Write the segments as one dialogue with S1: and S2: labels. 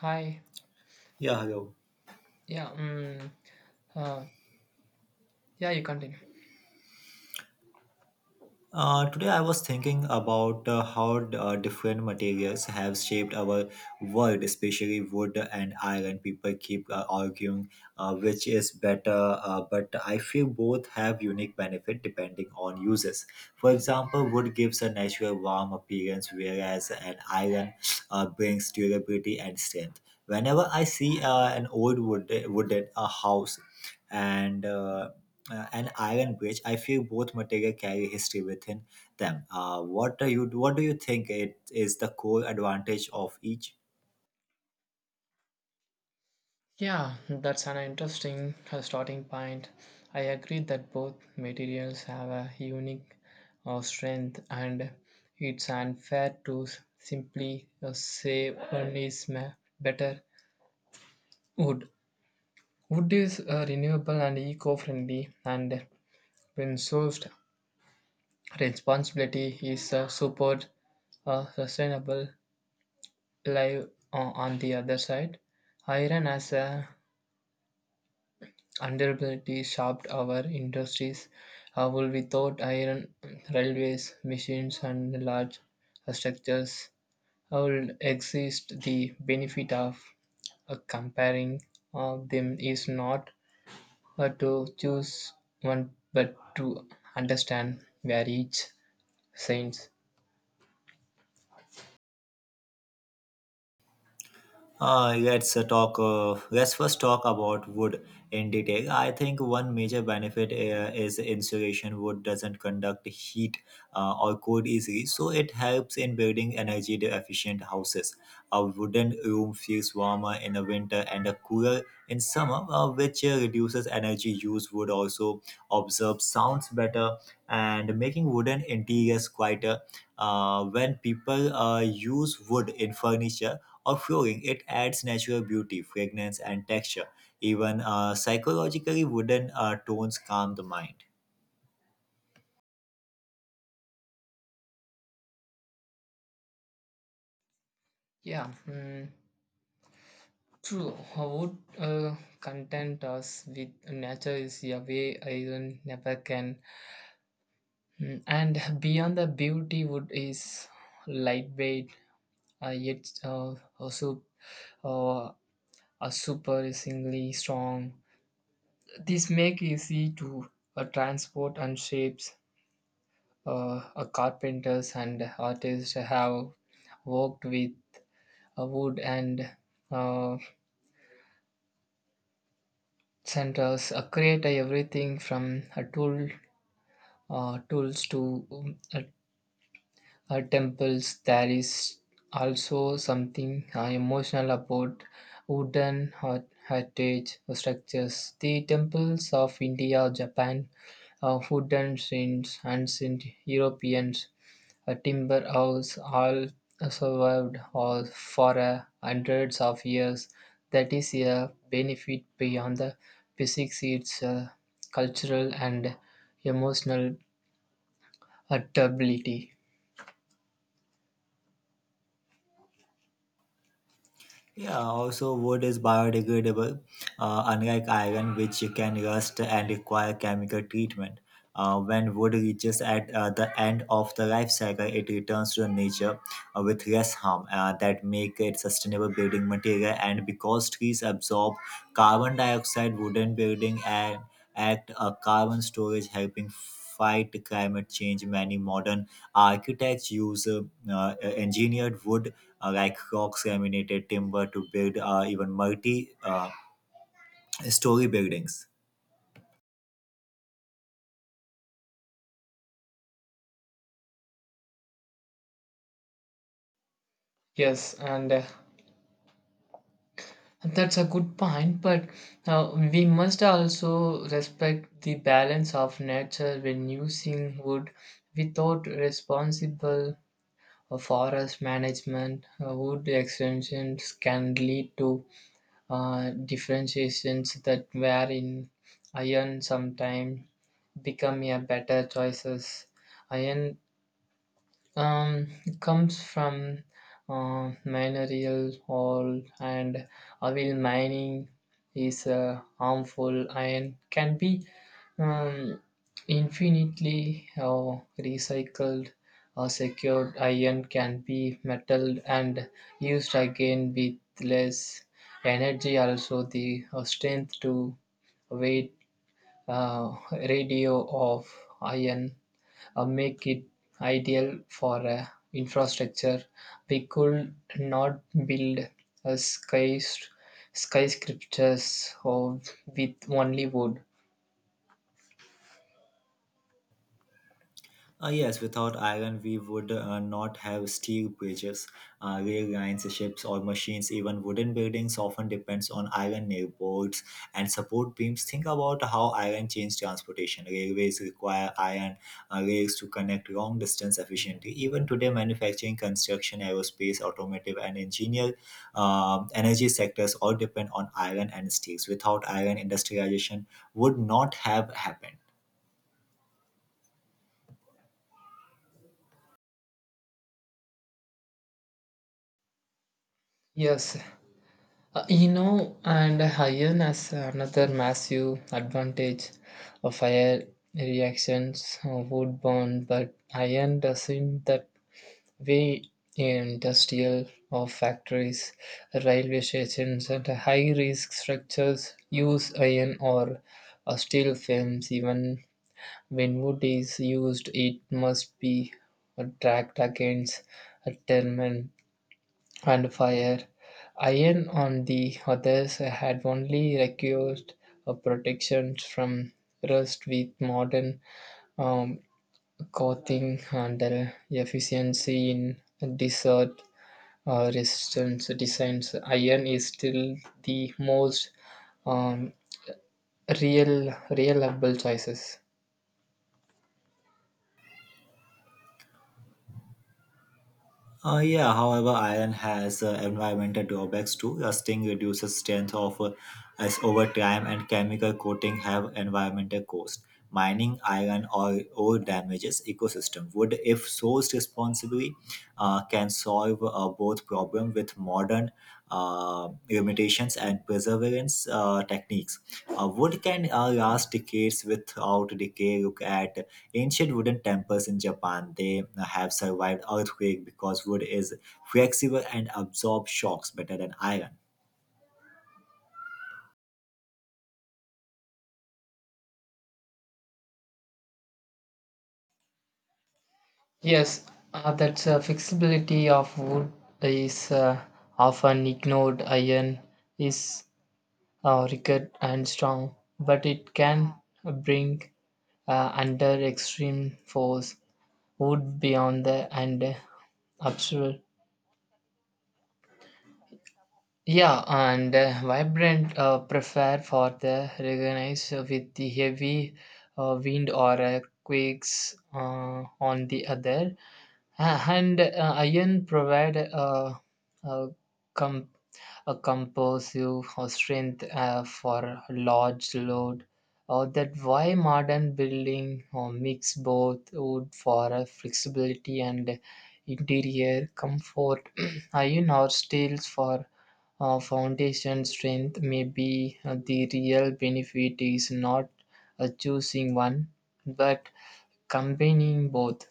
S1: Hi.
S2: Yeah, hello.
S1: Yeah. Mm, uh, yeah. You continue.
S2: Today I was thinking about how different materials have shaped our world, especially wood and iron. People keep arguing which is better, but I feel both have unique benefit depending on uses. For example, wood gives a natural warm appearance, whereas an iron brings durability and strength. Whenever I see an wooden house and an iron bridge, I feel both material carry history within them. What do you think it is the core advantage of each?
S1: Yeah, that's an interesting starting point. I agree that both materials have a unique strength, and it's unfair to simply say one is better. Wood. Wood is renewable and eco-friendly, and when sourced, responsibility is support sustainable life on the other side. Iron as a Underability shaped our industries. Wool without iron, railways, machines, and large structures will exist. The benefit of comparing them is not to choose one but to understand where each stands.
S2: Let's first talk about wood in detail. I think one major benefit is insulation. Wood doesn't conduct heat or cold easily, so it helps in building energy efficient houses. A wooden room feels warmer in the winter and cooler in summer, which reduces energy use. Wood also absorbs sounds better and making wooden interiors quieter. When people use wood in furniture of flooring, it adds natural beauty, fragrance, and texture. Even psychologically, wooden tones calm the mind.
S1: Yeah, mm, true. I would content us with nature is a way iron never can. Mm. And beyond the beauty wood is lightweight, yet also uh, a super singly strong. This make easy to transport and shapes. Carpenters and artists have worked with wood and uh, centers create everything from a tool tools to temples. There is also something emotional about wooden heritage structures, the temples of india, japan, wooden shrines, and ancient europeans, a timber house, all survived all for hundreds of years. That is a benefit beyond the physics. It's cultural and emotional adaptability.
S2: Yeah, also, wood is biodegradable, unlike iron, which can rust and require chemical treatment. When wood reaches at the end of the life cycle, it returns to the nature with less harm that make it sustainable building material, and because trees absorb carbon dioxide wooden building and act a carbon storage helping fight climate change. Many modern architects use engineered wood like rocks laminated timber to build even multi uh, story buildings.
S1: Yes and uh, That's a good point, but we must also respect the balance of nature when using wood. Without responsible forest management, wood extensions can lead to differentiations that were in iron. Sometimes become a better choices. Iron um, comes from mineral oil, and oil mining is harmful and can be um, infinitely recycled or secured. Iron can be metal and used again with less energy. Also the strength to weight radio of iron make it ideal for infrastructure. We could not build a skyscrapers of, with only wood.
S2: Yes, without iron, we would not have steel bridges, rail lines, ships, or machines. Even wooden buildings often depends on iron nailboards and support beams. Think about how iron changed transportation. Railways require iron rails to connect long distance efficiently. Even today, manufacturing, construction, aerospace, automotive, and engineer energy sectors all depend on iron and steels. Without iron, industrialization would not have happened.
S1: Yes, you know, and iron has another massive advantage of fire reactions. Wood burn, but iron doesn't. That way in industrial or factories, railway stations, and high risk structures use iron or steel films. Even when wood is used, it must be tracked against a termin and fire. Iron, on the others, had only required a protection from rust with modern um, coating and efficiency in desert resistance designs. Iron is still the most um, real reliable choices.
S2: Yeah, however, iron has environmental drawbacks too. Rusting reduces strength of as over time, and chemical coating have environmental cost. Mining iron or ore damages ecosystem. Wood, if sourced responsibly, can solve both problem with modern limitations and perseverance techniques. Wood can last decades without decay. Look at ancient wooden temples in Japan. They have survived earthquake because wood is flexible and absorbs shocks better than iron.
S1: Yes. That's flexibility of wood is uh, often ignored. Iron is rugged and strong, but it can bring under extreme force. Wood beyond the and absurd. Yeah, and vibrant prefer for the recognize with the heavy wind or quakes on the other. And Iron provide a, com- a compositive strength for large load, or that why modern building mix both wood for flexibility and interior comfort. Iron or steels for foundation strength. Maybe the real benefit is not choosing one but combining both.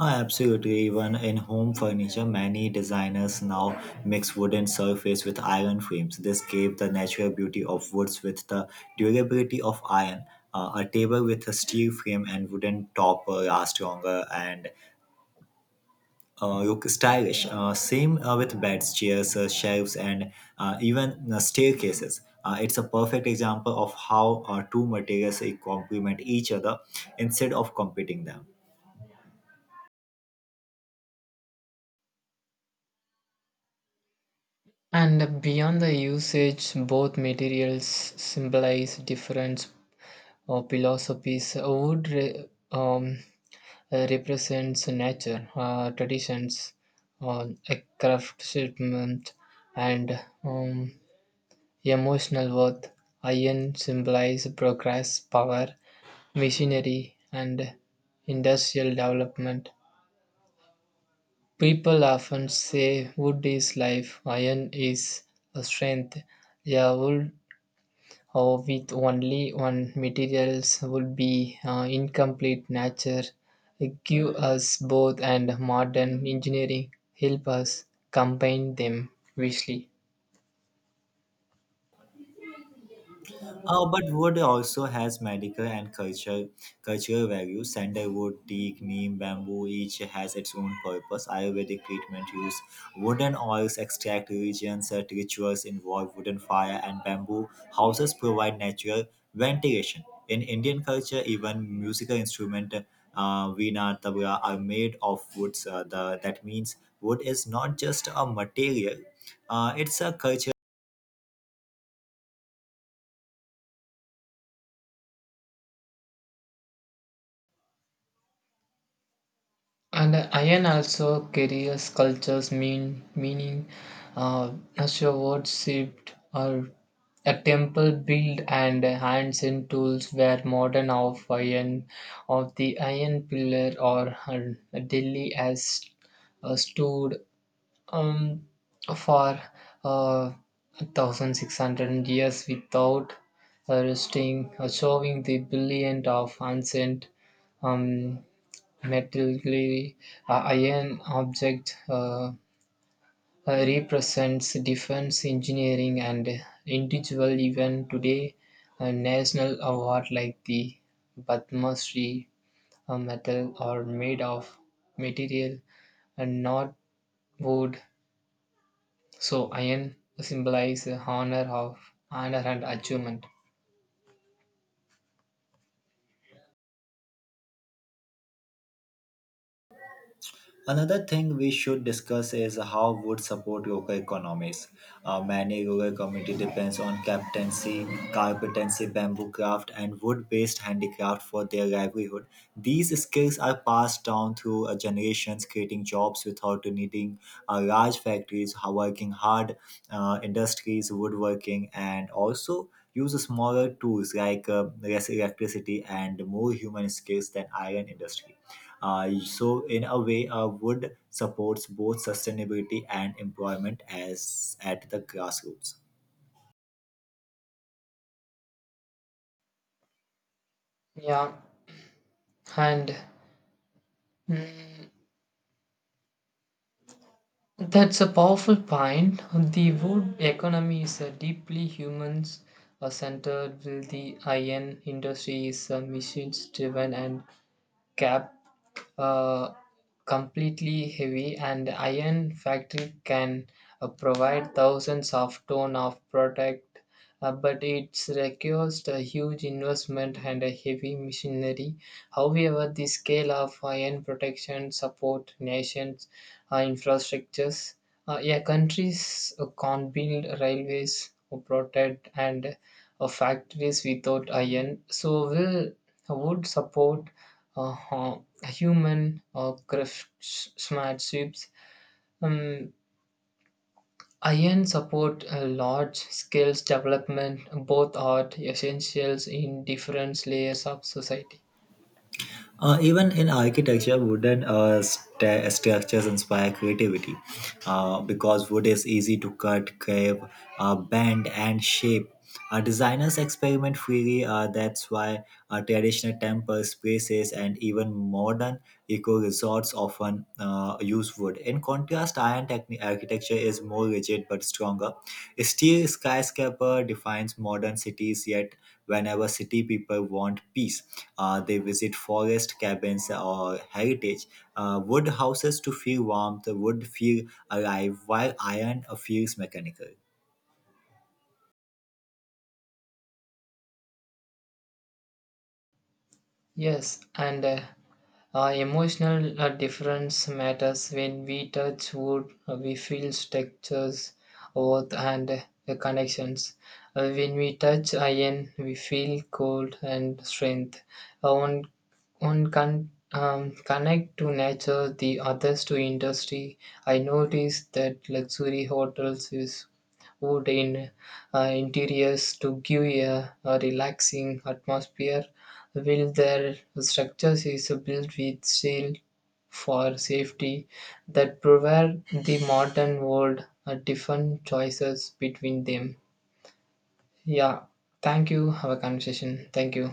S2: Ah, absolutely, even in home furniture, many designers now mix wooden surface with iron frames. This gave the natural beauty of woods with the durability of iron. A table with a steel frame and wooden top lasts longer and look stylish. Same with beds, chairs, shelves, and even staircases. It's a perfect example of how two materials complement each other instead of competing them.
S1: And beyond the usage, both materials symbolize different philosophies. Wood represents nature, traditions, a craftsmanship, and emotional worth. Iron symbolizes progress, power, machinery, and industrial development. People often say wood is life, iron is a strength. Yeah, wood. Or with only one materials would be incomplete. Nature give us both, and modern engineering help us combine them wisely.
S2: But wood also has cultural value. Sandalwood, teak, neem, bamboo each has its own purpose. Ayurvedic treatment use wooden oils, extract religions, rituals involve wooden fire and bamboo. Houses provide natural ventilation. In Indian culture, even musical instrument veena, tabla are made of woods. That means wood is not just a material. It's a cultural.
S1: And iron also carries cultures meaning. uh, Nature words shipped or a temple built, and hands and tools were modern of iron. Of the iron pillar or Delhi as stood um, for uh, 1600 years without resting, showing the brilliant of ancient um, metallurgy. Iron object represents defense engineering and individual. Even today a national award like the Padma Shri, metal are made of material and not wood. So iron symbolize honor of honor and achievement.
S2: Another thing we should discuss is how would support yoga economies. Many yoga community depends on captaincy, carpentancy, bamboo craft, and wood-based handicraft for their livelihood. These skills are passed down through generations, creating jobs without needing large factories, working hard industries, woodworking, and also use smaller tools like less electricity and more human skills than iron industry. So in a way, wood supports both sustainability and employment as at the grassroots.
S1: Yeah, and that's a powerful point. The wood economy is a deeply humans centered, while the iron industry is machines driven and cap uh, completely heavy. And iron factory can provide thousands of ton of product, but it requires a huge investment and a heavy machinery. However, the scale of iron protection support nations infrastructures. Yeah, countries can't build railways or protect and factories without iron. So will would support uh, uh, human or craftsmanship. Um, Iron support large scales development. Both are essentials in different layers of society.
S2: Even in architecture, wooden sta structures inspire creativity because wood is easy to cut, carve, bend, and shape. Designers experiment freely, that's why traditional temples, spaces and even modern eco resorts often use wood. In contrast, architecture is more rigid but stronger. Steel skyscraper defines modern cities, yet whenever city people want peace, they visit forest cabins or heritage wood houses to feel warmth, wood feel alive, while iron feels mechanical.
S1: Yes, and emotional difference matters. When we touch wood, we feel textures, warmth, and the connections. When we touch iron, we feel cold and strength. One one can connect to nature, the others to industry. I noticed that luxury hotels use wood in interiors to give a relaxing atmosphere, while their structures is built with steel for safety. That provide the modern world a different choices between them. Yeah, thank you. Have a conversation. Thank you.